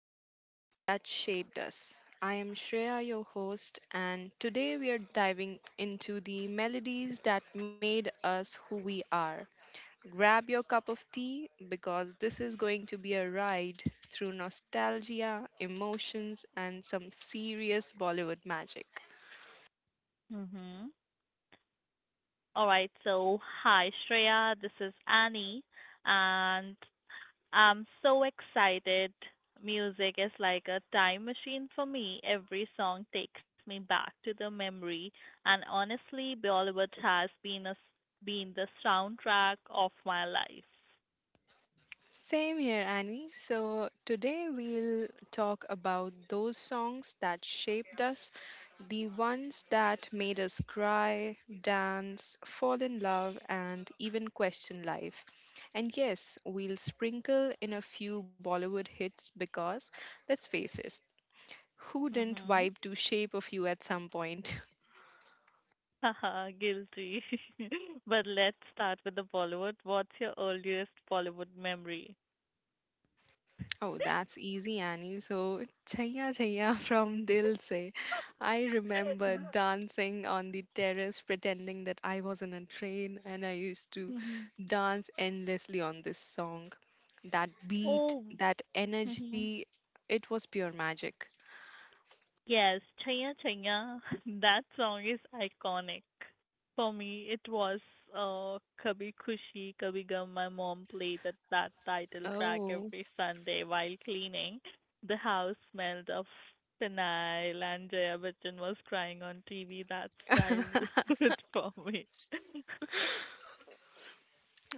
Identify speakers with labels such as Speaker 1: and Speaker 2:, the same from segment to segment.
Speaker 1: to Music That Shaped Us. I am Shreya, your host, and today we are diving into the melodies that made us who we are. Grab your cup of tea because this is going to be a ride through nostalgia, emotions, and some serious Bollywood magic.
Speaker 2: Mm-hmm. All right. So, hi, Shreya. This is Annie, and I'm so excited. Music is like a time machine for me. Every song takes me back to the memory, and honestly, Bollywood has been the soundtrack of my life.
Speaker 1: Same here, Annie. So, today we'll talk about those songs that shaped us, the ones that made us cry, dance, fall in love, and even question life. And yes, we'll sprinkle in a few Bollywood hits because, let's face it, who didn't
Speaker 2: Mm-hmm.
Speaker 1: vibe to Shape of You at some point?
Speaker 2: Haha, guilty. But let's start with the Bollywood. What's your earliest Bollywood memory?
Speaker 1: Oh, that's easy, Annie. So, Chaya Chaya from Dil Se. I remember dancing on the terrace, pretending that I was in a train, and I used to
Speaker 2: Mm-hmm.
Speaker 1: dance endlessly on this song. That beat,
Speaker 2: Oh.
Speaker 1: that
Speaker 2: Mm-hmm.
Speaker 1: energy, it was pure magic.
Speaker 2: Yes, Chaya Chaya, that song is iconic. For me, it was uh, Kabhi Khushi Kabhi Gum. My mom played that title track
Speaker 1: Oh,
Speaker 2: every Sunday while cleaning. The house smelled of phenyl, and Jaya Bachchan was crying on TV. That's childhood for me.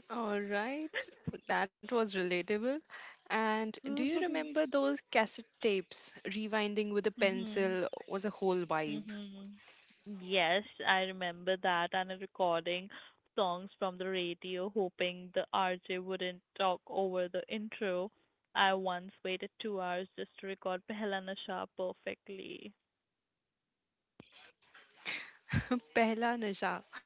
Speaker 1: all right. That was relatable. And do you remember those cassette tapes? Rewinding with a
Speaker 2: hmm
Speaker 1: pencil was a whole vibe.
Speaker 2: Mhm. Yes, I remember that and a recording songs from the radio hoping the RJ wouldn't talk over the intro. I once waited 2 hours just to record Pehla Nasha perfectly.
Speaker 1: Pehla Nasha.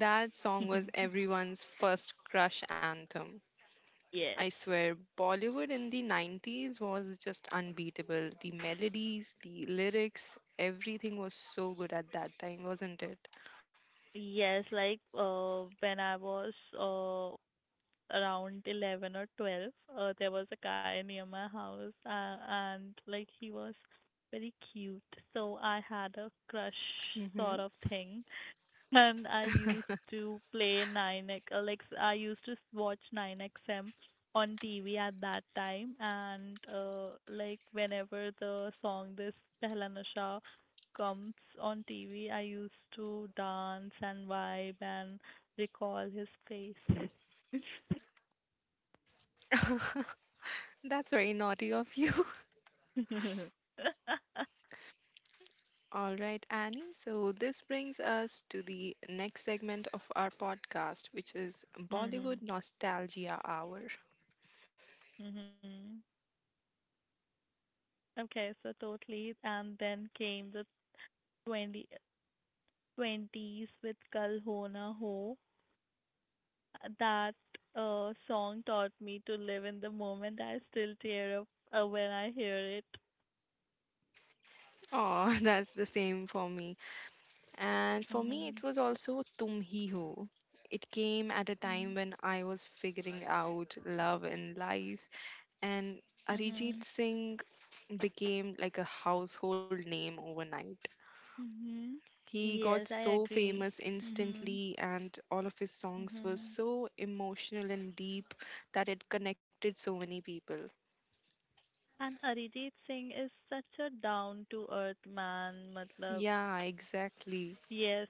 Speaker 1: That song was everyone's first crush anthem.
Speaker 2: Yes.
Speaker 1: I swear, Bollywood in the 90s was just unbeatable. The melodies, the lyrics, everything was so good at that time, wasn't it?
Speaker 2: Yes, like when I was around 11 or 12, there was a guy near my house, and like he was very cute, so I had a crush
Speaker 1: Hmm.
Speaker 2: sort of thing. And I used to play 9X, like I used to watch 9XM on TV at that time. And like whenever the song this Pehla Nasha comes on TV, I used to dance and vibe and recall his face.
Speaker 1: That's very naughty of you. All right, Annie. So, this brings us to the next segment of our podcast, which is
Speaker 2: Mhm.
Speaker 1: Bollywood Nostalgia Hour.
Speaker 2: Mhm. Okay, so totally. And then came the 2020s with Kal Ho Na Ho. That song taught me to live in the moment. I still tear up when I hear it.
Speaker 1: Oh, that's the same for me. And for me, it
Speaker 2: Mhm.
Speaker 1: was also Tum Hi Ho. It came at a time
Speaker 2: Mhm.
Speaker 1: when I was figuring out love and life, and
Speaker 2: Mhm.
Speaker 1: Arijit Singh became like a household name overnight.
Speaker 2: Mhm.
Speaker 1: He got
Speaker 2: Yes, I
Speaker 1: so
Speaker 2: agree.
Speaker 1: famous
Speaker 2: Mhm.
Speaker 1: instantly, and all of his songs were
Speaker 2: Mhm.
Speaker 1: so emotional and deep that it connected so many people.
Speaker 2: And Arijit Singh is such a down to earth man. Matlab,
Speaker 1: Yeah, exactly.
Speaker 2: yes,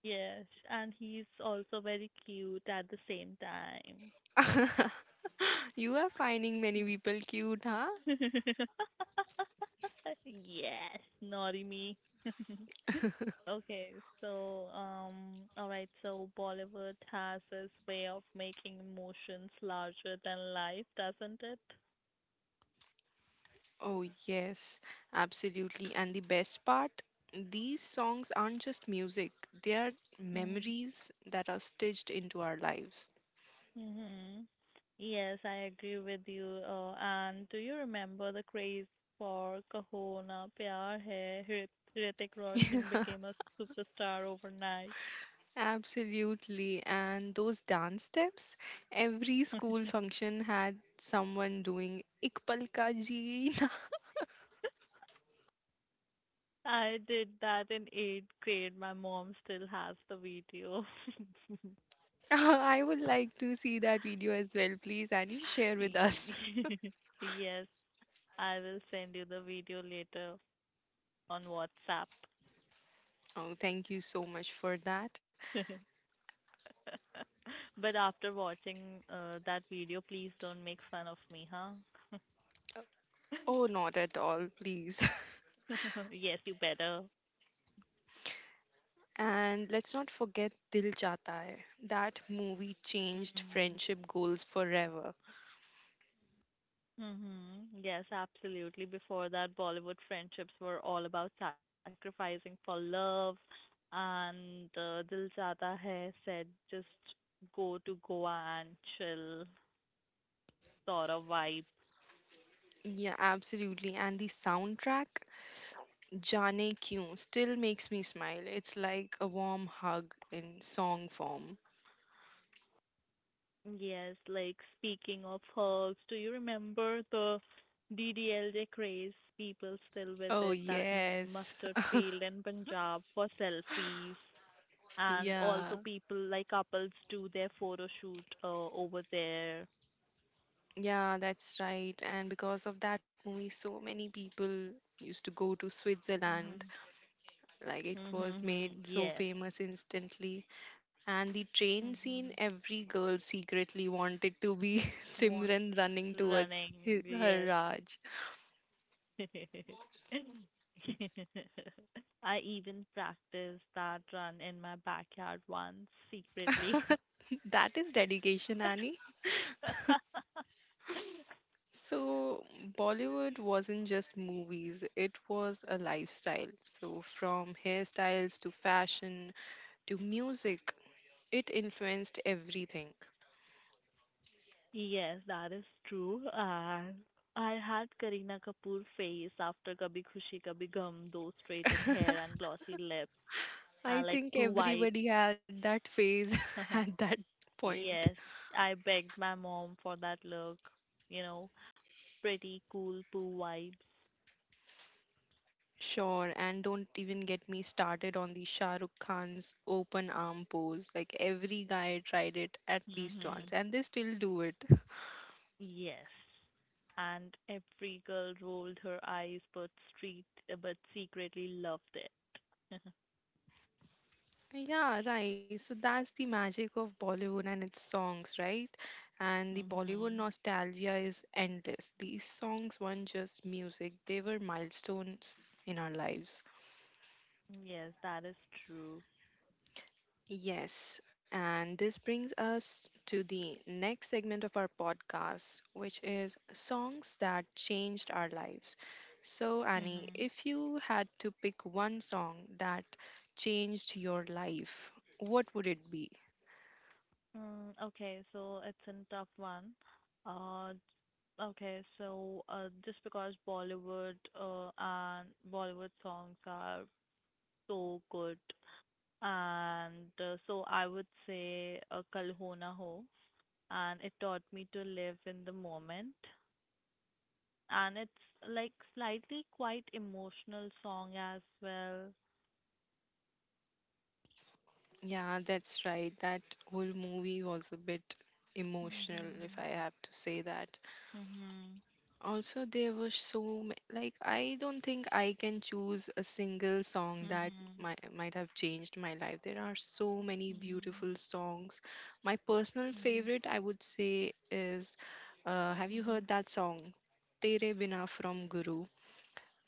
Speaker 2: yes. And he's also very cute at the same time.
Speaker 1: You are finding many
Speaker 2: Yeah.
Speaker 1: people cute, huh?
Speaker 2: Yes, naughty me. Okay, so all right, so Bollywood has this way of making emotions larger than life, doesn't it?
Speaker 1: Oh, yes, absolutely. And the best part, these songs aren't just music, they are
Speaker 2: Mm-hmm.
Speaker 1: memories that are stitched into our lives.
Speaker 2: Mm-hmm. Yes, I agree with you. And do you remember the craze for Kaho Na Pyar Hai? Hrithik Roshan became a superstar overnight.
Speaker 1: Absolutely. And those dance steps, every school function had someone doing Ikpal ka Jeena.
Speaker 2: I did that in 8th grade. My mom still has the video.
Speaker 1: I would like to see that video as well, please, and you share with
Speaker 2: Ye-
Speaker 1: us.
Speaker 2: Yes, I will send you the video later on WhatsApp.
Speaker 1: Oh, thank you so much for that.
Speaker 2: But after watching that video, please don't make fun of me, huh?
Speaker 1: Oh, not at all, please.
Speaker 2: Yes, you better.
Speaker 1: And let's not forget Dil Chahta Hai. That movie changed
Speaker 2: Mm.
Speaker 1: friendship goals forever.
Speaker 2: Mm-hmm. Yes, absolutely. Before that, Bollywood friendships were all about sacrificing for love, and Dil Chahta Hai said just go to Goa and chill sort of vibe.
Speaker 1: Yeah, absolutely. And the soundtrack, Jaane Kyun, still makes me smile. It's like a warm hug in song form.
Speaker 2: Yes, like speaking of hugs, do you remember the DDLJ craze? People still
Speaker 1: Oh,
Speaker 2: visit that
Speaker 1: yes.
Speaker 2: mustard field in Punjab for selfies. And
Speaker 1: Yeah,
Speaker 2: also people like couples do their photo shoot over there.
Speaker 1: yeah, that's right. And because of that movie, so many people used to go to Switzerland.
Speaker 2: Mhm.
Speaker 1: Like it was
Speaker 2: Mhm.
Speaker 1: made so
Speaker 2: Yes.
Speaker 1: famous instantly. And the train scene,
Speaker 2: Mhm.
Speaker 1: every girl secretly wanted to be
Speaker 2: Want
Speaker 1: Simran running towards
Speaker 2: running.
Speaker 1: his, her
Speaker 2: Yes.
Speaker 1: Raj.
Speaker 2: I even practiced that run in my backyard once secretly.
Speaker 1: That is dedication, Annie. So, Bollywood wasn't just movies, it was a lifestyle. So, from hairstyles to fashion to music, it influenced everything.
Speaker 2: Yes, that is true. And I had Kareena Kapoor face after Kabhi Khushi Kabhi gham, those straightened hair and glossy lips, and
Speaker 1: I
Speaker 2: like
Speaker 1: think
Speaker 2: poo vibes.
Speaker 1: everybody had that phase at that point.
Speaker 2: Yes, I begged my mom for that look. You know, pretty cool poo vibes.
Speaker 1: Sure, and don't even get me started on the Shah Rukh Khan's open arm pose. Like every guy tried it at least
Speaker 2: Hmm
Speaker 1: once, and they still do it.
Speaker 2: Yes. And every girl rolled her eyes, but but secretly loved it.
Speaker 1: Yeah, right. So that's the magic of Bollywood and its songs, right? And the Bollywood
Speaker 2: hmm
Speaker 1: nostalgia is endless. These songs weren't just music, they were milestones in our lives.
Speaker 2: Yes, that is true.
Speaker 1: Yes, and this brings us to the next segment of our podcast, which is songs that changed our lives. So, Annie,
Speaker 2: Hmm
Speaker 1: if you had to pick one song that changed your life, what would it be?
Speaker 2: Mm, okay, so it's a tough one. Uh, okay, so just because Bollywood and Bollywood songs are so good, and so I would say Kal Ho Na Ho, and it taught me to live in the moment, and it's like slightly quite emotional song as well.
Speaker 1: Yeah, that's right. That whole movie was a bit emotional, if
Speaker 2: Mhm.
Speaker 1: I have to say that.
Speaker 2: Mhm.
Speaker 1: Also, there were like I don't think I can choose a single song that
Speaker 2: Mhm.
Speaker 1: might have changed my life. There are so many
Speaker 2: Mhm.
Speaker 1: beautiful songs. My personal
Speaker 2: Mhm.
Speaker 1: favorite, I would say, is have you heard
Speaker 2: Mhm.
Speaker 1: that song, "Tere Bina" from Guru?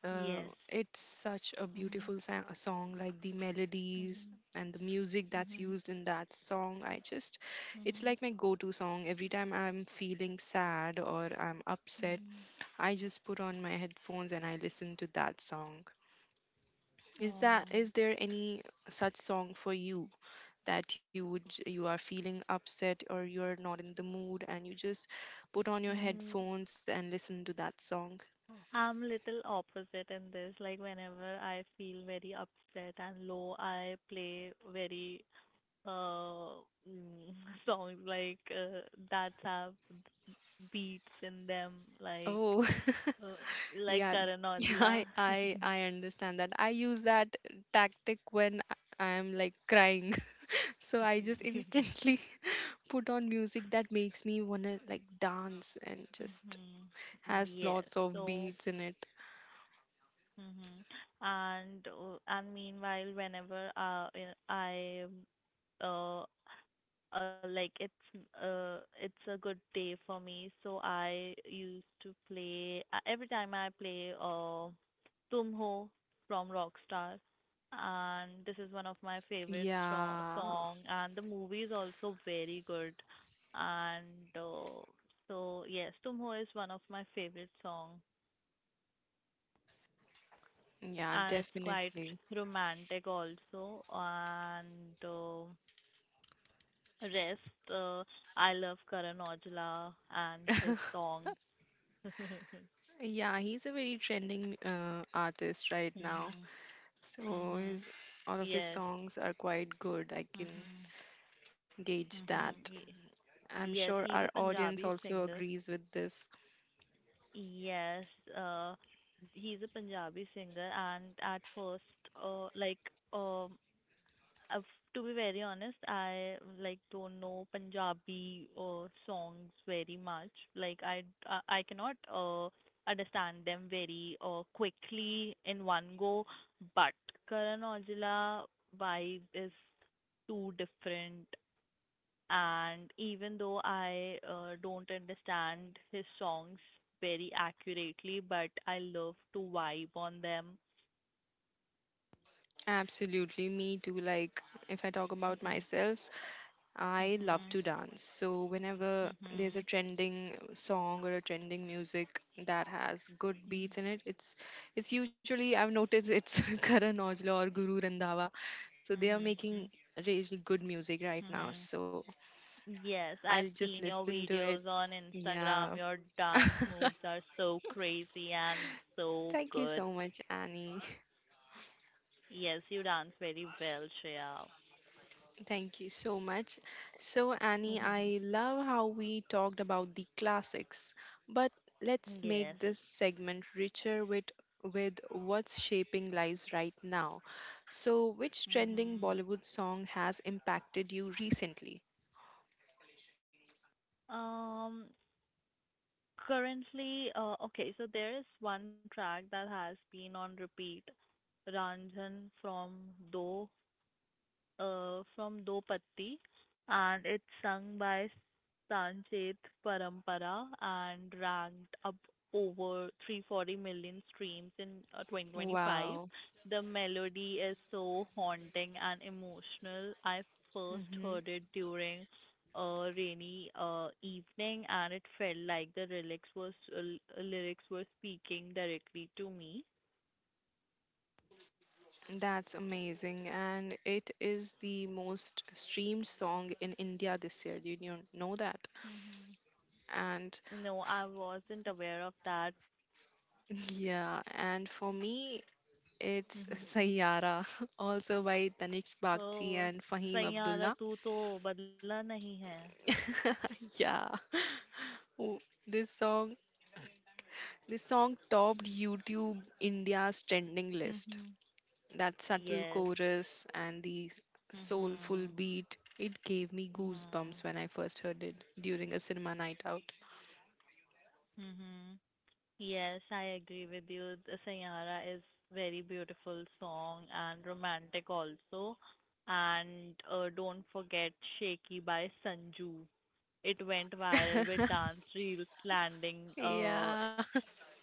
Speaker 1: Uh,
Speaker 2: Yes.
Speaker 1: it's such a
Speaker 2: Mm-hmm.
Speaker 1: beautiful a song. Like the melodies
Speaker 2: Mhm.
Speaker 1: and the music that's
Speaker 2: Mhm.
Speaker 1: used in that song, I just it's
Speaker 2: Mhm.
Speaker 1: like my go-to song every time I'm feeling sad or I'm upset.
Speaker 2: Mhm.
Speaker 1: I just put on my headphones and I listen to that song. Is that
Speaker 2: Oh.
Speaker 1: is there any such song for you that you would you are feeling upset or you're not in the mood and you just put on your
Speaker 2: Mm,
Speaker 1: headphones and listen to that song?
Speaker 2: I'm little opposite in this. Like whenever I feel very upset and low, I play very uh mm, songs like that have beats in them,
Speaker 1: Oh,
Speaker 2: uh, like
Speaker 1: yeah.
Speaker 2: Karan
Speaker 1: Yeah,
Speaker 2: Aujla.
Speaker 1: I understand that. I use that tactic when I am like crying. So I just instantly put on music that makes me wanna like dance and just
Speaker 2: Mhm.
Speaker 1: has
Speaker 2: Yes.
Speaker 1: lots of
Speaker 2: So
Speaker 1: beats in it.
Speaker 2: Mhm. And meanwhile, whenever I, uh, like it's a good day for me, so I used to play every time I play Tum Ho from Rockstar, and this is one of my favorite
Speaker 1: Yeah,
Speaker 2: song, and the movie is also very good, and uh, so yes, Tum Ho is one of my favorite song.
Speaker 1: yeah,
Speaker 2: And it's quite
Speaker 1: definitely.
Speaker 2: romantic also. And rest, uh, I love Karan Aujla and his songs.
Speaker 1: Yeah, he's a very trending artist right now.
Speaker 2: Mhm.
Speaker 1: So
Speaker 2: Mhm.
Speaker 1: his all of his
Speaker 2: Yes.
Speaker 1: songs are quite good. I can
Speaker 2: Mhm.
Speaker 1: gauge that.
Speaker 2: Mhm.
Speaker 1: I'm sure
Speaker 2: Yes,
Speaker 1: our
Speaker 2: he's a
Speaker 1: audience
Speaker 2: Punjabi
Speaker 1: also
Speaker 2: singer.
Speaker 1: agrees with this.
Speaker 2: Yes, uh, he's a Punjabi singer, and at first, uh, like, um, Uh, to be very honest, I like don't know Punjabi songs very much. Like I cannot understand them very quickly in one go. But Karan Aujla vibe is too different, and even though I don't understand his songs very accurately, but I love to vibe on them.
Speaker 1: Absolutely, me too. Like if I talk about
Speaker 2: Mhm.
Speaker 1: myself, I love
Speaker 2: Mhm.
Speaker 1: to dance. So whenever there's a
Speaker 2: Mhm.
Speaker 1: trending song or a trending music that has good
Speaker 2: Mhm.
Speaker 1: beats in it, it's usually I've noticed it's Karan Aujla or Guru Randhawa. So they are
Speaker 2: Mhm.
Speaker 1: making really good music right
Speaker 2: Mhm.
Speaker 1: now. So
Speaker 2: Yes,
Speaker 1: I'll
Speaker 2: I've
Speaker 1: just
Speaker 2: seen your
Speaker 1: listen to it.
Speaker 2: videos on
Speaker 1: Yeah.
Speaker 2: Instagram. Your dance moves are so crazy and so
Speaker 1: Thank you
Speaker 2: good.
Speaker 1: so much, Annie.
Speaker 2: Yes, you dance very well, Shreya.
Speaker 1: Thank you so much. So, Annie, I love how we talked about the classics, but let's
Speaker 2: Yes.
Speaker 1: make this segment richer with what's shaping lives right now. So, which trending
Speaker 2: Mhm.
Speaker 1: Bollywood song has impacted you recently?
Speaker 2: Um, Currently, okay, so there is one track that has been on repeat, Ranjan Do from Do Patti, and it's sung by Sancheth Parampara and ranked up over 340 million streams in 2025.
Speaker 1: Wow.
Speaker 2: The melody is so haunting and emotional. I first
Speaker 1: Hmm.
Speaker 2: heard it during a rainy evening, and it felt like the lyrics was lyrics were speaking directly to me.
Speaker 1: That's amazing. And it is the most streamed song in India this year. Did you know that?
Speaker 2: Mm-hmm.
Speaker 1: And
Speaker 2: No, I wasn't aware of that.
Speaker 1: yeah, and for me, it's
Speaker 2: Hmm
Speaker 1: Sayara, also by Tanish
Speaker 2: तो
Speaker 1: Bakhchi and Fahim
Speaker 2: Saiyaara
Speaker 1: Abdullah.
Speaker 2: तू तो बदला नहीं है.
Speaker 1: Yeah. Oh, This song this song topped YouTube India's trending list.
Speaker 2: Mm-hmm.
Speaker 1: That subtle
Speaker 2: Yes.
Speaker 1: chorus and the soulful
Speaker 2: mm
Speaker 1: beat, it gave me goosebumps when I first heard it during a cinema night out.
Speaker 2: Yes, I agree with you. The Sayara is very beautiful song and romantic also. And don't forget Shaky by Sanju. It went viral with dance reels landing uh,
Speaker 1: Yeah,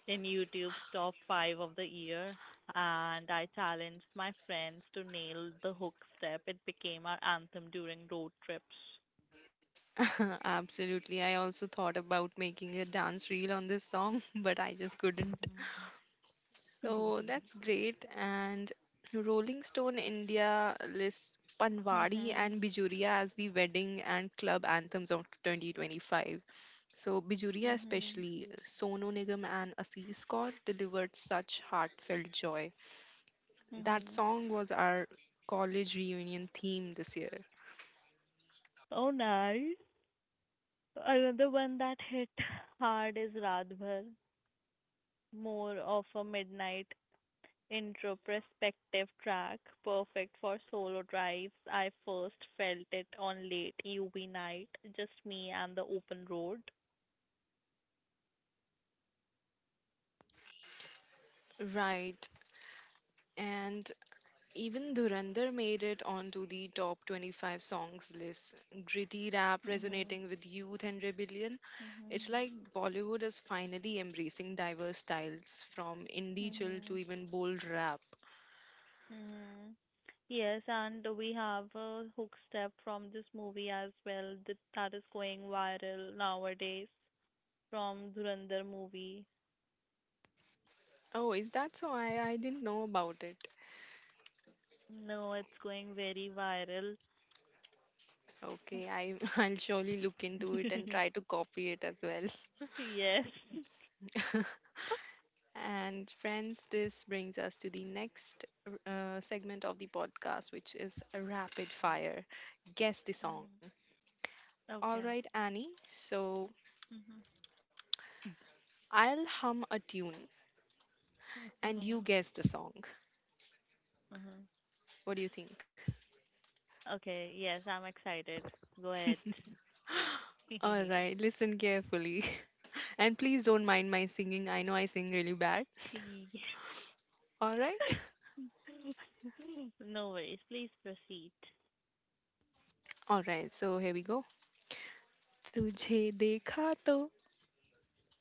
Speaker 2: in YouTube's top 5 of the year, and I challenged my friends to nail the hook step. It became our anthem during road trips.
Speaker 1: absolutely. I also thought about making a dance reel on this song, but I just couldn't.
Speaker 2: Mhm.
Speaker 1: So that's great. And Rolling Stone India lists Panwadi
Speaker 2: Mhm.
Speaker 1: and Bijuria as the wedding and club anthems of 2025. So Bijuria
Speaker 2: Mhm.
Speaker 1: especially, Sonu Nigam and Assis Kaur delivered such heartfelt joy. That
Speaker 2: Mhm.
Speaker 1: song was our college reunion theme this year.
Speaker 2: Oh, nice. Another one that hit hard is Radhbhar, more of a midnight introspective track, perfect for solo drives. I first felt it on late UV night, just me and the open road.
Speaker 1: Right. And even Dhurandhar made it onto the top 25 songs list. Gritty rap
Speaker 2: Mhm.
Speaker 1: resonating with youth and rebellion. It's
Speaker 2: Mhm.
Speaker 1: like Bollywood is finally embracing diverse styles from indie chill to
Speaker 2: Mhm.
Speaker 1: even bold rap.
Speaker 2: Mhm. Yes, and we have a hook step from this movie as well that is going viral nowadays from Dhurandhar movie.
Speaker 1: Oh, is that so? I didn't know about it.
Speaker 2: No, it's going very viral.
Speaker 1: Okay, I'll surely look into it and try to copy it as well.
Speaker 2: Yes.
Speaker 1: And friends, this brings us to the next segment of the podcast, which is Rapid
Speaker 2: Mm,
Speaker 1: Fire. Guess the song.
Speaker 2: mm.
Speaker 1: All
Speaker 2: Okay.
Speaker 1: right, Annie. So
Speaker 2: Mhm.
Speaker 1: I'll hum a tune and you
Speaker 2: Mhm.
Speaker 1: guess the song.
Speaker 2: Mhm.
Speaker 1: What do you think?
Speaker 2: Okay, yes, I'm excited. Go ahead.
Speaker 1: All right, listen carefully. And please don't mind my singing. I know I sing really bad.
Speaker 2: Yeah.
Speaker 1: All right?
Speaker 2: No worries. Please proceed.
Speaker 1: All right, so here we go. तुझे देखा तो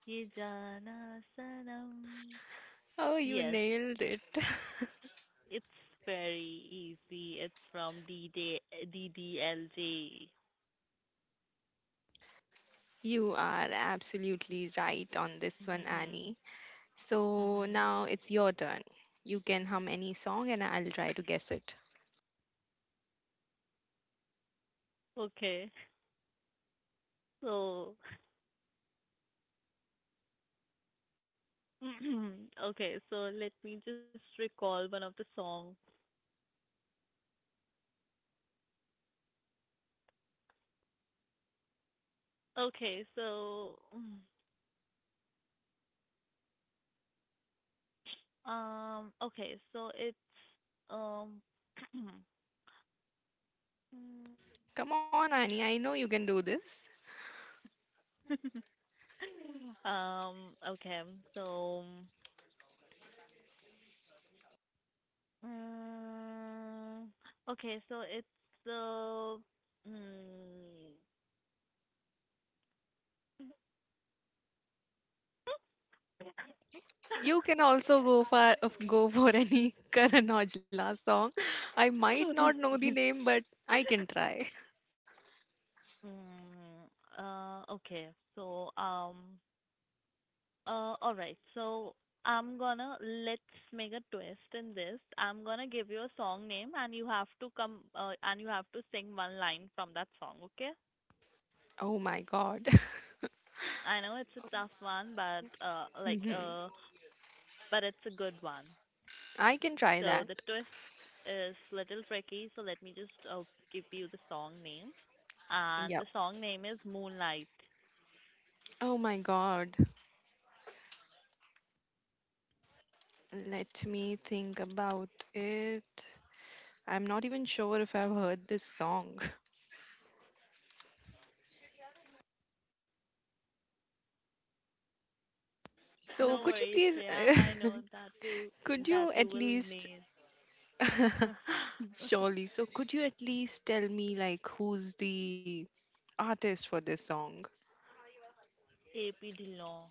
Speaker 2: Ye Jana Sanam.
Speaker 1: Oh, you
Speaker 2: Yes,
Speaker 1: nailed it.
Speaker 2: it's very easy. It's from DD.
Speaker 1: You are absolutely right on this one,
Speaker 2: Hmm
Speaker 1: Annie. So
Speaker 2: hmm
Speaker 1: now it's your turn. You can hum any song and I'll try to guess it.
Speaker 2: Okay. So, okay, so let me just recall one of the songs. Okay, so okay, so it's um
Speaker 1: Come on, Annie, I know you can do this.
Speaker 2: Okay, so, mm, okay, so it's the, mm,
Speaker 1: You can also go for any Karan Aujla song. I might not know the name, but I can try.
Speaker 2: mm, okay, so, um, all right, so I'm gonna, let's make a twist in this. I'm gonna give you a song name and you have to sing one line from that song, okay?
Speaker 1: Oh my god.
Speaker 2: I know it's a tough one,
Speaker 1: Mhm.
Speaker 2: but it's a good one.
Speaker 1: I can try
Speaker 2: So
Speaker 1: that.
Speaker 2: the twist is little tricky, so let me just give you the song name. And
Speaker 1: Yep.
Speaker 2: the song name is Moonlight.
Speaker 1: Oh my god. Let me think about it. I'm not even sure if I've heard this song. So
Speaker 2: No
Speaker 1: could you
Speaker 2: worries,
Speaker 1: please
Speaker 2: Shreya. I know that you
Speaker 1: could
Speaker 2: that
Speaker 1: you
Speaker 2: you
Speaker 1: at
Speaker 2: will
Speaker 1: least
Speaker 2: nail.
Speaker 1: surely so could you at least tell me like who's the artist for this song?
Speaker 2: AP Dillon.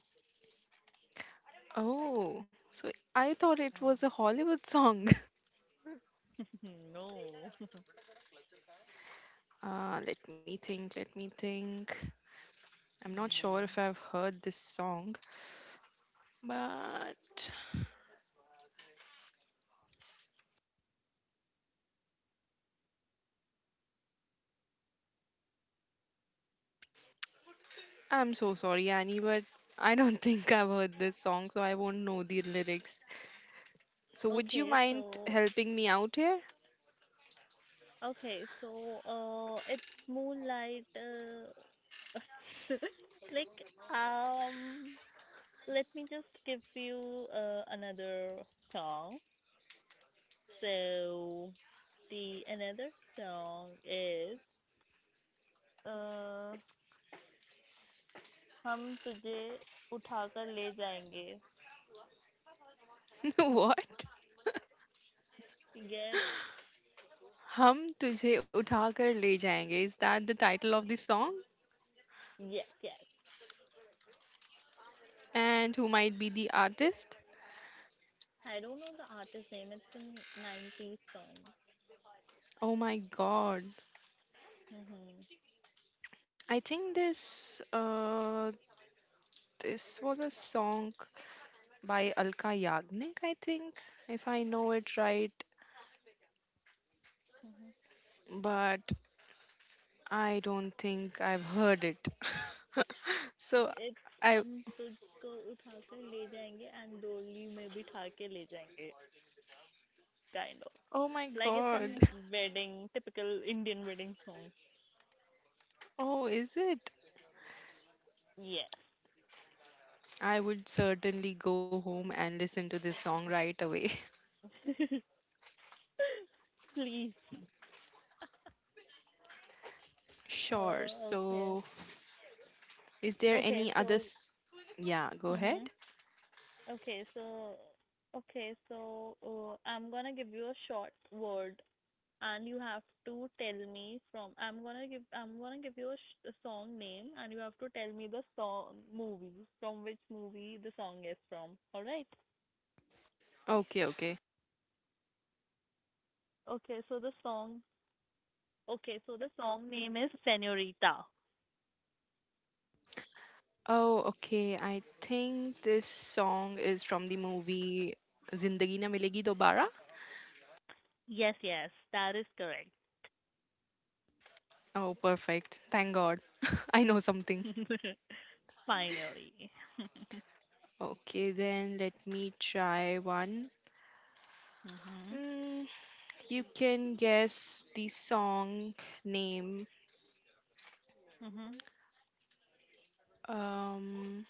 Speaker 1: Oh, so I thought it was a Hollywood song.
Speaker 2: No.
Speaker 1: Let me think, let me think. I'm not sure
Speaker 2: Mhm.
Speaker 1: if I've heard this song, but I'm so sorry, Annie, but I don't think I've heard this song, so I won't know the lyrics. So would you
Speaker 2: Okay,
Speaker 1: mind
Speaker 2: so
Speaker 1: helping me out here?
Speaker 2: okay, so it's Moonlight. Like um, let me just give you another song. So the another song is uh, हम तुझे उठाकर ले जाएंगे.
Speaker 1: What?
Speaker 2: Yes,
Speaker 1: Hum tujhe utha kar le jayenge. Is that the title of the song?
Speaker 2: yes, yes.
Speaker 1: And who might be the artist?
Speaker 2: I don't know the artist name. It's a 90s song.
Speaker 1: Oh my god.
Speaker 2: Mhm.
Speaker 1: I think this This was a song by Alka Yagnik, I think, if I know it right,
Speaker 2: Mhm.
Speaker 1: but I don't think I've heard it. so
Speaker 2: It's
Speaker 1: I,
Speaker 2: हम तुझको उठाकर ले जाएंगे and डोली में बिठा के ले जाएंगे. Kind of.
Speaker 1: oh my
Speaker 2: Like it's a
Speaker 1: god,
Speaker 2: wedding, typical Indian wedding song.
Speaker 1: oh, is it?
Speaker 2: Yes.
Speaker 1: I would certainly go home and listen to this song right away.
Speaker 2: Please.
Speaker 1: Sure,
Speaker 2: Okay.
Speaker 1: so is there
Speaker 2: Okay,
Speaker 1: any other? Yeah, go ahead.
Speaker 2: mhm. Okay, okay, so, I'm gonna give you a short word, and you have to tell me from. I'm gonna give you a, a song name, and you have to tell me the song movie from which movie the song is from. All right.
Speaker 1: Okay, okay.
Speaker 2: Okay, so the song. Okay, so the song name is Senorita.
Speaker 1: Oh, okay. I think this song is from the movie Zindagi Na Milegi Dobara.
Speaker 2: Yes, yes, that is correct.
Speaker 1: Oh, perfect. Thank God. I know something.
Speaker 2: Finally.
Speaker 1: Okay, then let me try one.
Speaker 2: mhm.
Speaker 1: Mm, you can guess the song name.
Speaker 2: Mhm.
Speaker 1: Um,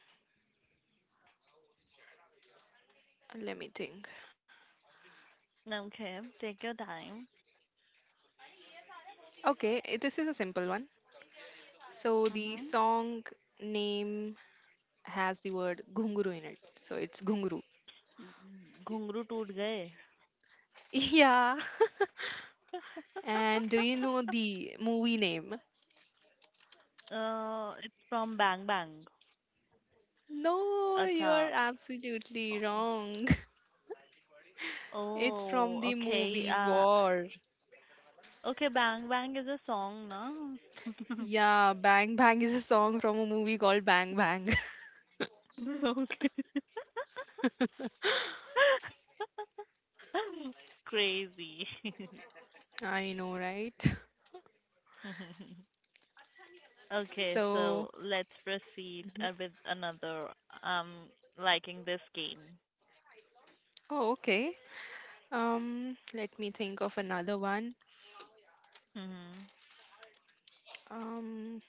Speaker 1: let me think.
Speaker 2: Okay, take your time.
Speaker 1: Okay, this is a simple one. So the
Speaker 2: Mhm.
Speaker 1: song name has the word gunguru in it. So it's gunguru.
Speaker 2: घुंगरू टूट गए.
Speaker 1: Yeah. And do you know the movie name?
Speaker 2: It's from Bang Bang.
Speaker 1: No,
Speaker 2: Acha.
Speaker 1: you're absolutely
Speaker 2: Oh,
Speaker 1: wrong. It's from
Speaker 2: oh,
Speaker 1: the
Speaker 2: okay.
Speaker 1: movie War.
Speaker 2: Okay, Bang Bang is a song, na.
Speaker 1: Yeah, Bang Bang is a song from a movie called Bang Bang.
Speaker 2: Okay. Crazy.
Speaker 1: I know, right?
Speaker 2: Okay,
Speaker 1: So,
Speaker 2: so let's proceed
Speaker 1: mhm.
Speaker 2: with another. Um, Liking this game.
Speaker 1: Oh, okay. Let me think of another one.
Speaker 2: Mhm.
Speaker 1: Um,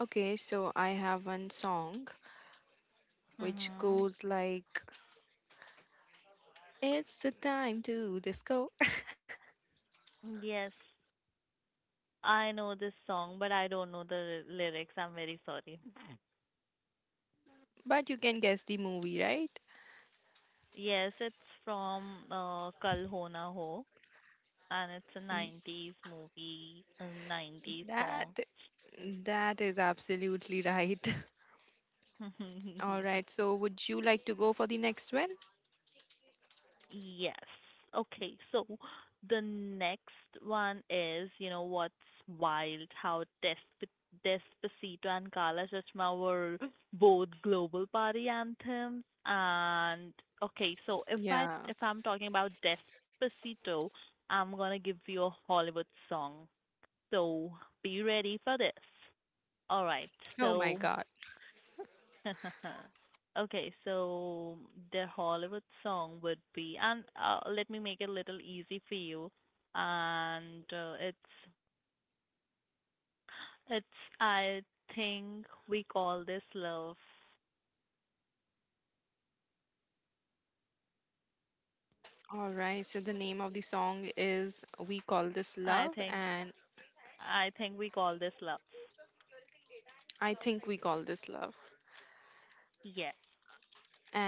Speaker 1: okay, so I have one song which
Speaker 2: Mhm.
Speaker 1: goes like, "It's the time to disco,"
Speaker 2: Yes, I know this song, but I don't know the lyrics. I'm very sorry.
Speaker 1: but you can guess the movie, right?
Speaker 2: Yes, it's from Kal Ho Na Ho, and it's a
Speaker 1: Mm,
Speaker 2: 90s movie, a 90s
Speaker 1: That
Speaker 2: song.
Speaker 1: that is absolutely right. All right, so would you like to go for the next one?
Speaker 2: Yes. Okay. So the next one is, you know, what's wild how Despacito and Kala Chashma were both global party anthems. And okay, so
Speaker 1: Yeah.
Speaker 2: if I'm talking about Despacito, I'm gonna give you a Hollywood song. So be ready for this. All right.
Speaker 1: Oh my
Speaker 2: So
Speaker 1: God.
Speaker 2: okay, so the Hollywood song would be, and let me make it a little easy for you. And it's I think we call this love.
Speaker 1: All right, so the name of the song is We Call This
Speaker 2: I
Speaker 1: Love,
Speaker 2: think
Speaker 1: and
Speaker 2: I think we call this love.
Speaker 1: I think we call this love.
Speaker 2: Yes.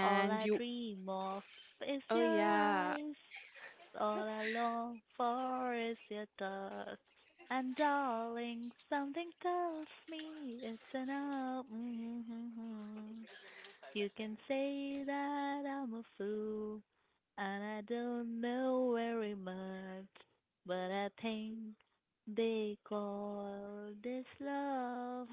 Speaker 2: All I
Speaker 1: you,
Speaker 2: dream of is
Speaker 1: oh
Speaker 2: your
Speaker 1: yeah,
Speaker 2: eyes, all I long for is your touch. And darling, something tells me it's enough. Mm-hmm. You can say that I'm a fool, and I don't know very much, but I think they call this love.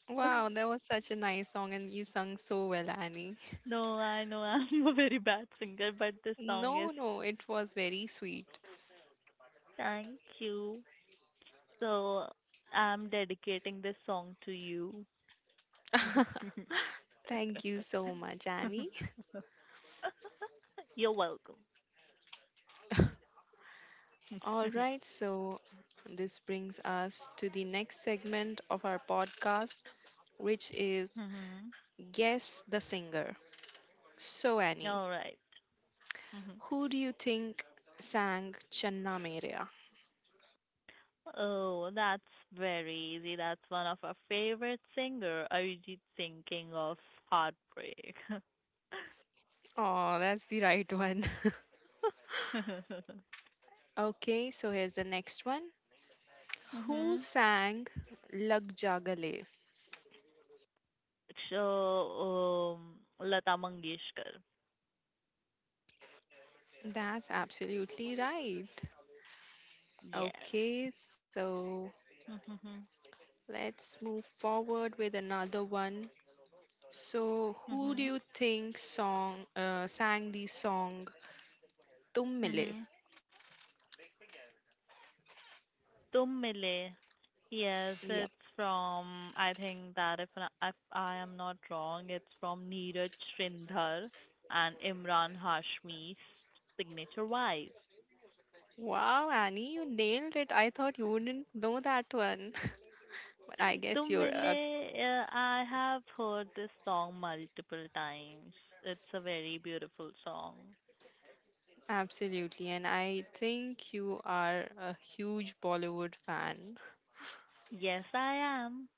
Speaker 1: wow, that was such a nice song, and you sung so well, Annie.
Speaker 2: No, I know I'm a very bad singer, but this song is
Speaker 1: No, no, it was very sweet.
Speaker 2: Thank You. So I'm dedicating this song to you.
Speaker 1: Thank you so much, Annie.
Speaker 2: You're welcome.
Speaker 1: All right, so this brings us to the next segment of our podcast, which is
Speaker 2: Mhm.
Speaker 1: Guess the Singer. So, Annie.
Speaker 2: All right. Mhm.
Speaker 1: Who do you think sang Channa Merea?
Speaker 2: Oh, that's very easy. That's one of our favorite singer, Arijit Singh, King of Heartbreak.
Speaker 1: Oh, that's the right one. Okay, so here's the next one. Who
Speaker 2: Mhm.
Speaker 1: sang Lag Ja Gale?
Speaker 2: So, Lata Mangeshkar.
Speaker 1: That's absolutely right.
Speaker 2: Yes.
Speaker 1: Okay, so let's move forward with another one. So, who do
Speaker 2: Mhm.
Speaker 1: you think song sang the song Tum Mile?
Speaker 2: Mhm. Tum Mile. Yes,
Speaker 1: Yep.
Speaker 2: it's from I think that if I am not wrong, it's from Neeraj Sridhar and Imran Hashmi's signature vibe.
Speaker 1: Wow, Annie, you nailed it. I thought you wouldn't know that one. But I guess
Speaker 2: Tum
Speaker 1: you're
Speaker 2: Mile,
Speaker 1: a
Speaker 2: I have heard this song multiple times. It's a very beautiful song.
Speaker 1: Absolutely, and I think you are a huge Bollywood fan.
Speaker 2: Yes, I am.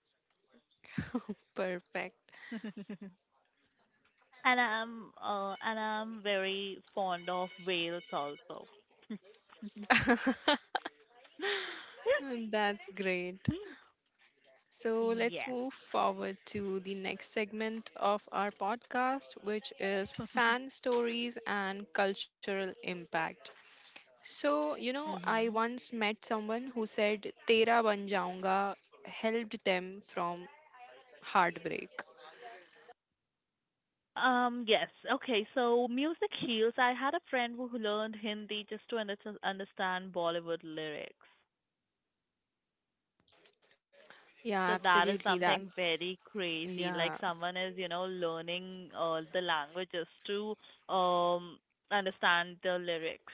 Speaker 1: Perfect.
Speaker 2: And I'm very fond of whales also.
Speaker 1: That's great. So let's
Speaker 2: Yes.
Speaker 1: move forward to the next segment of our podcast, which is fan stories and cultural impact. So, you know, I
Speaker 2: Mhm.
Speaker 1: once met someone who said Tera Ban Jaunga helped them from heartbreak.
Speaker 2: Yes. Okay, so music heals. I had a friend who learned Hindi just to understand Bollywood lyrics.
Speaker 1: Yeah,
Speaker 2: So that is
Speaker 1: absolutely.
Speaker 2: something
Speaker 1: That's,
Speaker 2: very crazy. Like
Speaker 1: yeah.
Speaker 2: someone is, you know, learning the language just to um understand the lyrics.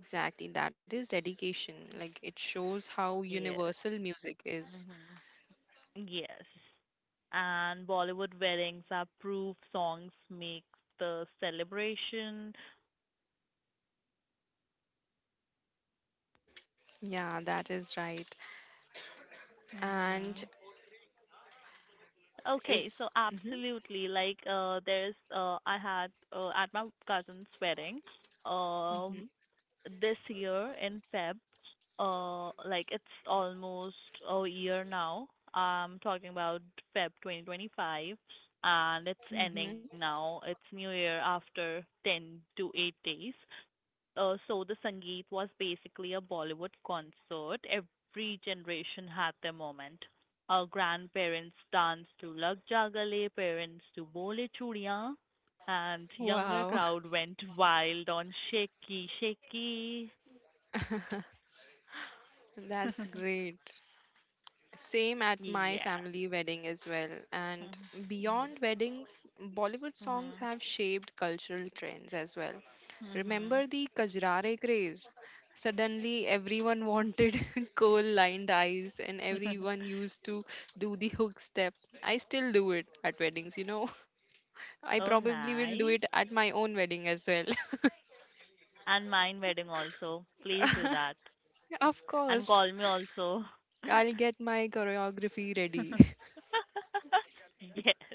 Speaker 1: Exactly, that is dedication. Like it shows how
Speaker 2: Yes.
Speaker 1: universal music is.
Speaker 2: Mhm. Yes. And Bollywood weddings are proof songs make the celebration.
Speaker 1: Yeah, that is right. And
Speaker 2: Mhm.
Speaker 1: is
Speaker 2: Okay, so
Speaker 1: mhm
Speaker 2: absolutely, like there's I had at my cousin's wedding, um,
Speaker 1: mhm
Speaker 2: this year in Feb, like it's almost a year now. I'm talking about Feb 2025, and it's ending
Speaker 1: mhm.
Speaker 2: now. It's New Year after 10 to 8 days so the Sangeet was basically a Bollywood concert. Every generation had their moment. Our grandparents danced to Lag Ja Gale, parents to Bole Chudiyan, and younger
Speaker 1: Wow,
Speaker 2: crowd went wild on Shaky Shaky.
Speaker 1: that's great. Same at my
Speaker 2: Yeah.
Speaker 1: family wedding as well. And
Speaker 2: Mhm,
Speaker 1: beyond weddings, Bollywood songs
Speaker 2: mhm,
Speaker 1: have shaped cultural trends as well.
Speaker 2: mhm, mhm.
Speaker 1: Remember the Kajrare craze? Suddenly, everyone wanted coal lined eyes, and everyone used to do the hook step. I still do it at weddings, you know. I
Speaker 2: Oh,
Speaker 1: probably will do
Speaker 2: nice.
Speaker 1: it at my own wedding as well.
Speaker 2: And mine wedding also. Please do that.
Speaker 1: Of
Speaker 2: And
Speaker 1: course,
Speaker 2: call me also.
Speaker 1: I'll get my choreography ready.
Speaker 2: Yes.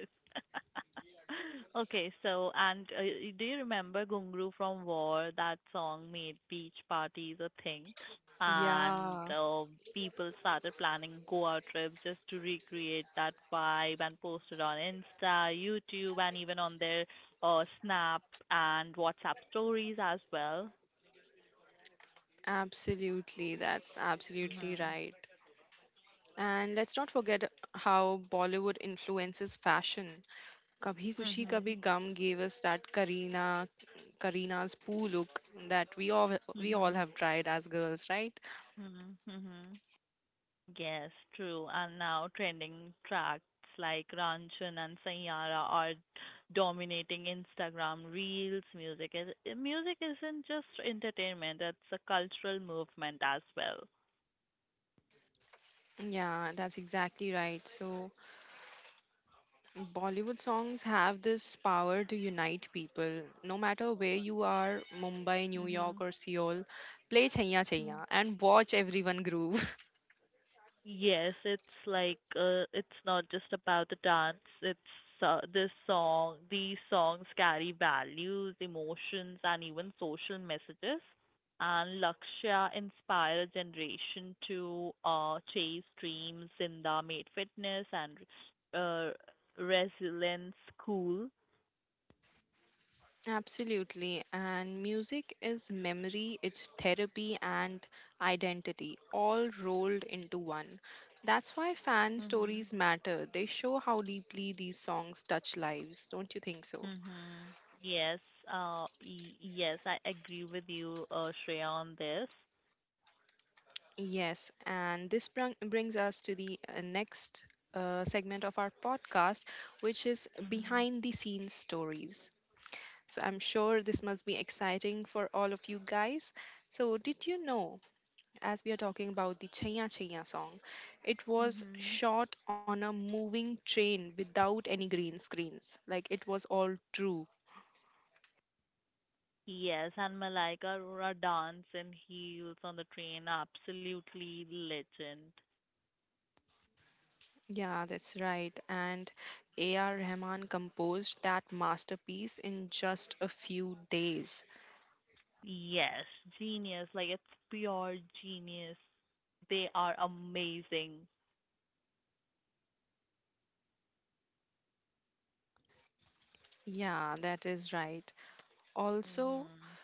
Speaker 2: Okay, so and do you remember Gungru from War? That song made beach parties a thing, and
Speaker 1: Yeah.
Speaker 2: people started planning Goa trips just to recreate that vibe and posted on Insta, YouTube, and even on their Snap and WhatsApp stories as well.
Speaker 1: Absolutely, that's absolutely
Speaker 2: Mhm.
Speaker 1: right. And let's not forget how Bollywood influences fashion. Kabhi Kushi
Speaker 2: Mhm.
Speaker 1: Kabhi Gum gave us that Karina's poo look that we all
Speaker 2: Mhm.
Speaker 1: have tried as girls, right?
Speaker 2: Mhm. Mhm. Yes, true. And now trending tracks like Ranjan and Sanyara are dominating Instagram reels. Music isn't just entertainment; it's a cultural movement as well.
Speaker 1: Yeah, that's exactly right. So Bollywood songs have this power to unite people. No matter where you are, Mumbai, New York
Speaker 2: Mhm.
Speaker 1: or Seoul, play Chaiya Chaiya and watch everyone groove.
Speaker 2: Yes, it's like it's not just about the dance. It's this song. These songs carry values, emotions, and even social messages. And Lakshya inspire a generation to chase dreams in the made fitness and uh, resilience school.
Speaker 1: Absolutely. And music is memory, it's therapy and identity, all rolled into one. That's why fan
Speaker 2: Mhm.
Speaker 1: stories matter. They show how deeply these songs touch lives. Don't you think so?
Speaker 2: Mhm. Yes. Yes, I agree with you, Shreya, on this.
Speaker 1: Yes. And this brung brings us to the next segment of our podcast, which is
Speaker 2: Mhm.
Speaker 1: behind the scenes stories. So I'm sure this must be exciting for all of you guys. So, did you know, as we are talking about the Chaiya Chaiya song. It was
Speaker 2: Mhm.
Speaker 1: shot on a moving train without any green screens. Like it was all true.
Speaker 2: Yes, and Malaika Arora dance in heels on the train, absolutely legend.
Speaker 1: Yeah, that's right. And A.R. Rahman composed that masterpiece in just a few days.
Speaker 2: Yes, genius, like it's pure genius. They are amazing.
Speaker 1: Yeah, that is right. Also,
Speaker 2: Mhm.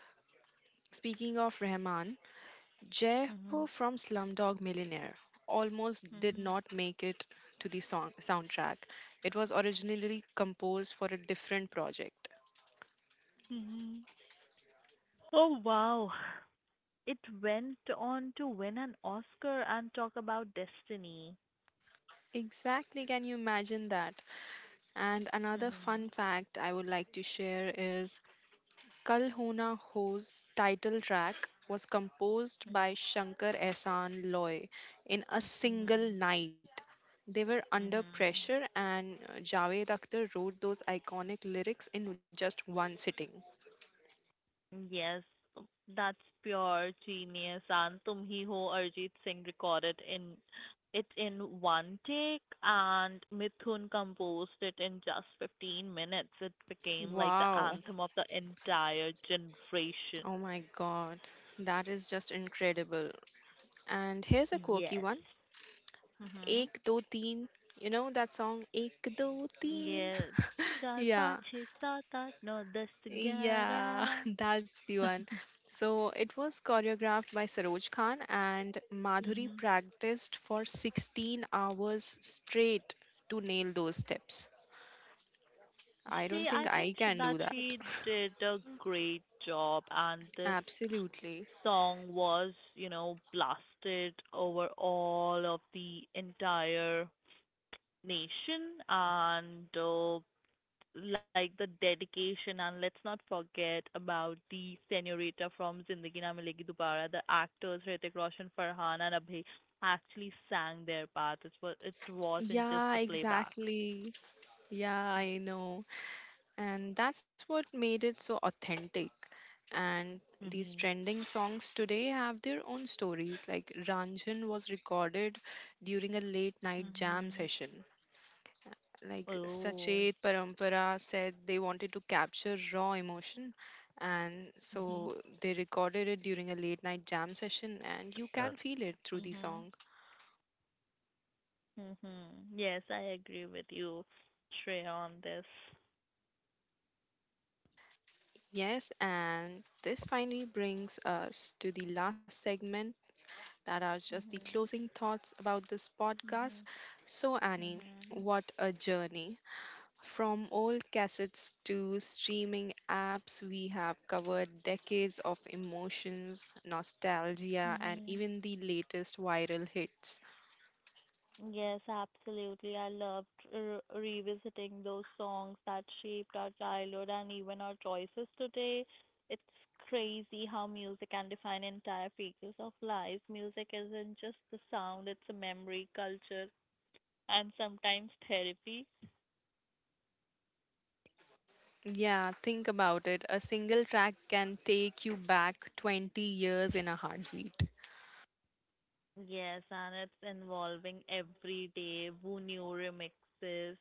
Speaker 1: speaking of Rahman, Jai Ho
Speaker 2: Mhm.
Speaker 1: from Slumdog Millionaire almost did
Speaker 2: Mhm.
Speaker 1: not make it to the soundtrack. It was originally composed for a different project.
Speaker 2: Mhm. Oh wow. It went on to win an Oscar and talk about destiny.
Speaker 1: Exactly, can you imagine that? And another
Speaker 2: Mhm.
Speaker 1: fun fact I would like to share is Kal Ho Na Ho's title track was composed
Speaker 2: Mhm.
Speaker 1: by Shankar Ehsaan Loy in a single
Speaker 2: Mhm.
Speaker 1: night. They were under
Speaker 2: Mhm.
Speaker 1: pressure, and Javed Akhtar wrote those iconic lyrics in just one sitting.
Speaker 2: Yes, that's pure genius, and "Tum Hi Ho" Arjit Singh recorded in it in one take, and Mithun composed it in just 15 minutes. It became like the
Speaker 1: Wow.
Speaker 2: anthem of the entire generation.
Speaker 1: Oh my God. That is just incredible. And here's a quirky one.
Speaker 2: Yes. Mhm.
Speaker 1: Ek do teen. You know that song Ek do teen?
Speaker 2: Yes. चार पाँच
Speaker 1: Yeah.
Speaker 2: छः सात आठ नौ दस
Speaker 1: Yeah,
Speaker 2: ग्यारह
Speaker 1: that's the one. So it was choreographed by Saroj Khan, and Madhuri
Speaker 2: Mhm.
Speaker 1: practiced for 16 hours straight to nail those steps. I don't
Speaker 2: She, I
Speaker 1: think
Speaker 2: think
Speaker 1: I
Speaker 2: sh
Speaker 1: can
Speaker 2: that
Speaker 1: do that.
Speaker 2: She did a great job, and this
Speaker 1: Absolutely.
Speaker 2: song was, you know, blasted over all of the entire nation and like the dedication. And let's not forget about the senorita from Zindagi Na Milegi Dobara. The actors Hrithik Roshan, Farhan, and Abhay actually sang their part. It wasn't just
Speaker 1: Yeah,
Speaker 2: the playback.
Speaker 1: exactly. Yeah, I know. And that's what made it so authentic. And these
Speaker 2: Mhm.
Speaker 1: trending songs today have their own stories. Like Ranjan was recorded during a late night jam
Speaker 2: Mhm.
Speaker 1: session. Like
Speaker 2: Oh.
Speaker 1: Sachet Parampara said they wanted to capture raw emotion. And
Speaker 2: Mhm.
Speaker 1: so they recorded it during a late night jam session, and you
Speaker 2: Uh,
Speaker 1: can feel it through the
Speaker 2: mhm.
Speaker 1: song.
Speaker 2: Mm-hmm. Yes, I agree with you, Shreya, on this.
Speaker 1: Yes, and this finally brings us to the last segment that are just the
Speaker 2: Mm-hmm.
Speaker 1: closing thoughts about this podcast. So, Annie,
Speaker 2: Mm-hmm.
Speaker 1: what a journey. From old cassettes to streaming apps, we have covered decades of emotions,
Speaker 2: Mm-hmm.
Speaker 1: nostalgia, and
Speaker 2: Mm-hmm.
Speaker 1: even the latest viral hits.
Speaker 2: Yes, absolutely. I loved revisiting those songs that shaped our childhood and even our choices today. It's crazy how music can define entire phases of life. Music isn't just the sound, it's a memory, culture, and sometimes therapy.
Speaker 1: Yeah, think about it. A single track can take you back 20 years in a heartbeat.
Speaker 2: Yes, and it's involving everyday new remixes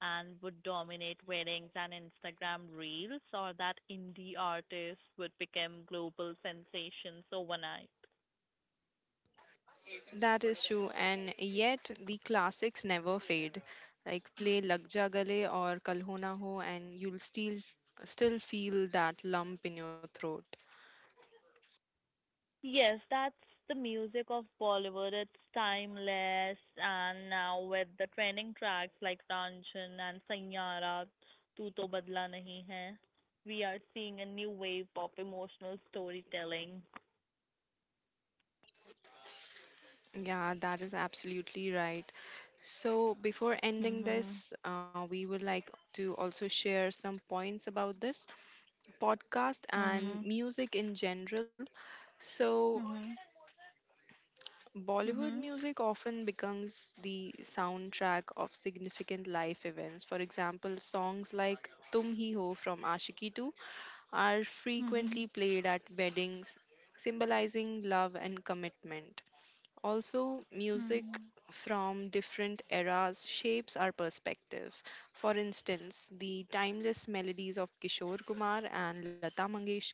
Speaker 2: and would dominate weddings and Instagram reels, or that indie artist would become global sensations overnight.
Speaker 1: That is true, and yet the classics never fade. Like play Lag Ja Gale or Kal Ho Na Ho, and you'll still feel that lump in your throat.
Speaker 2: Yes, that's the music of Bollywood. It's timeless, and now with the trending tracks like Ranjan and Sanyara, Tu To Badla Nahi Hai, we are seeing a new wave of emotional storytelling.
Speaker 1: Yeah, that is absolutely right. So before ending
Speaker 2: Mhm.
Speaker 1: this, we would like to also share some points about this podcast
Speaker 2: Mhm.
Speaker 1: and music in general. So
Speaker 2: Mhm.
Speaker 1: Bollywood
Speaker 2: Mhm.
Speaker 1: music often becomes the soundtrack of significant life events. For example, songs like Tum Hi Ho from Ashiki 2 are
Speaker 2: Mhm.
Speaker 1: frequently played at weddings, symbolizing love and commitment. Also, music
Speaker 2: Mhm.
Speaker 1: from different eras shapes our perspectives. For instance, the timeless melodies of Kishore Kumar and Lata Mangeshkar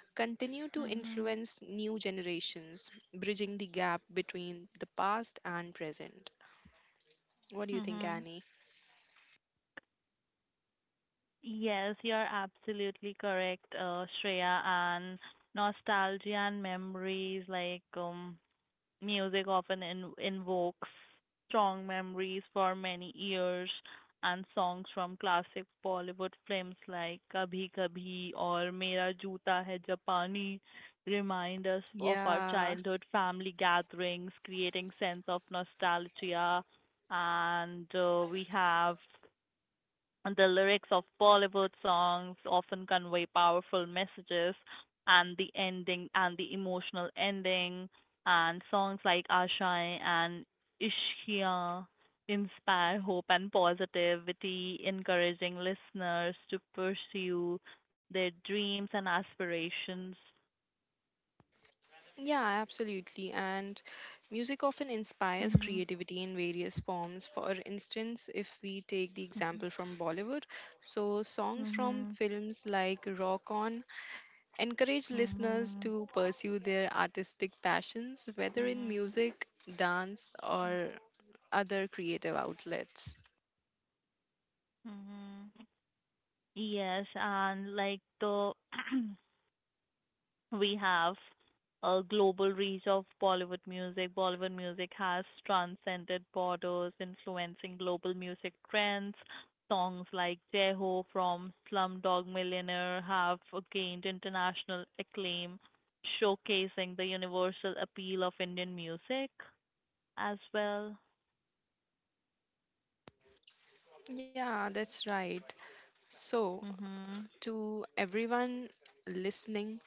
Speaker 1: continue to
Speaker 2: Mhm.
Speaker 1: influence new generations, bridging the gap between the past and present. What do you think,
Speaker 2: Mhm.
Speaker 1: Annie?
Speaker 2: Yes, you're absolutely correct, Shreya. And nostalgia and memories, music often invokes strong memories for many years, and songs from classic Bollywood films like Kabhi Kabhi or Mera Joota Hai Japani remind us of our
Speaker 1: Yeah.
Speaker 2: childhood family gatherings, creating sense of nostalgia. And we have the lyrics of Bollywood songs often convey powerful messages, and the emotional ending, and songs like Aashaएं and Ishqiyan inspire hope and positivity, encouraging listeners to pursue their dreams and aspirations.
Speaker 1: Yeah, absolutely. And music often inspires
Speaker 2: Mhm,
Speaker 1: creativity in various forms. For instance, if we take the
Speaker 2: mhm,
Speaker 1: example from Bollywood, so songs from
Speaker 2: mhm,
Speaker 1: films like Rock On encourage listeners
Speaker 2: mhm,
Speaker 1: to pursue their artistic passions, whether in
Speaker 2: mhm,
Speaker 1: music, dance, or other creative outlets.
Speaker 2: mhm. Yes, and like the we have a global reach of Bollywood music. Bollywood music has transcended borders, influencing global music trends. Songs like Jai Ho from Slumdog Millionaire have gained international acclaim, showcasing the universal appeal of Indian music as well.
Speaker 1: Yeah, that's right. So,
Speaker 2: Mhm.
Speaker 1: to everyone listening,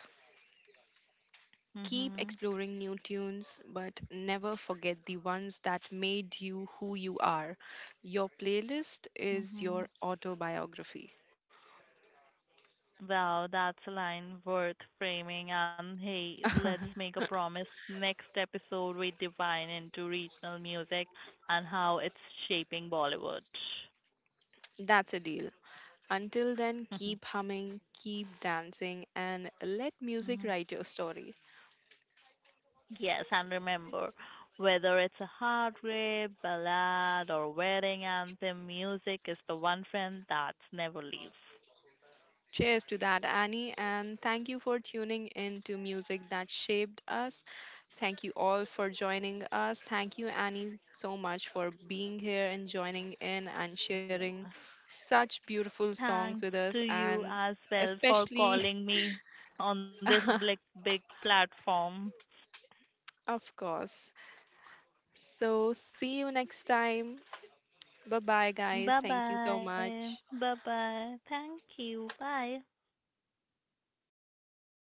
Speaker 1: keep
Speaker 2: Mhm.
Speaker 1: exploring new tunes, but never forget the ones that made you who you are. Your playlist is your
Speaker 2: Mhm.
Speaker 1: autobiography.
Speaker 2: Wow, that's a line worth framing. And hey, let's make a promise. Next episode, we divine into regional music and how it's shaping Bollywood.
Speaker 1: That's a deal. Until then, keep humming, keep dancing, and let music
Speaker 2: Mhm.
Speaker 1: write your story.
Speaker 2: Yes, and remember, whether it's a hard rap, ballad, or wedding anthem, music is the one friend that's never leaves.
Speaker 1: Cheers to that, Annie, and thank you for tuning in to Music That Shaped Us. Thank you all for joining us. Thank you, Annie, so much for being here and joining in and
Speaker 2: Mm.
Speaker 1: sharing such beautiful songs
Speaker 2: Thanks
Speaker 1: with
Speaker 2: to
Speaker 1: us,
Speaker 2: you
Speaker 1: and
Speaker 2: as well for
Speaker 1: especially,
Speaker 2: calling me on this big, big platform.
Speaker 1: of course. So, see you next time. Bye bye, guys.
Speaker 2: Bye
Speaker 1: Thank you so
Speaker 2: bye.
Speaker 1: much.
Speaker 2: Bye bye. Thank you. Bye.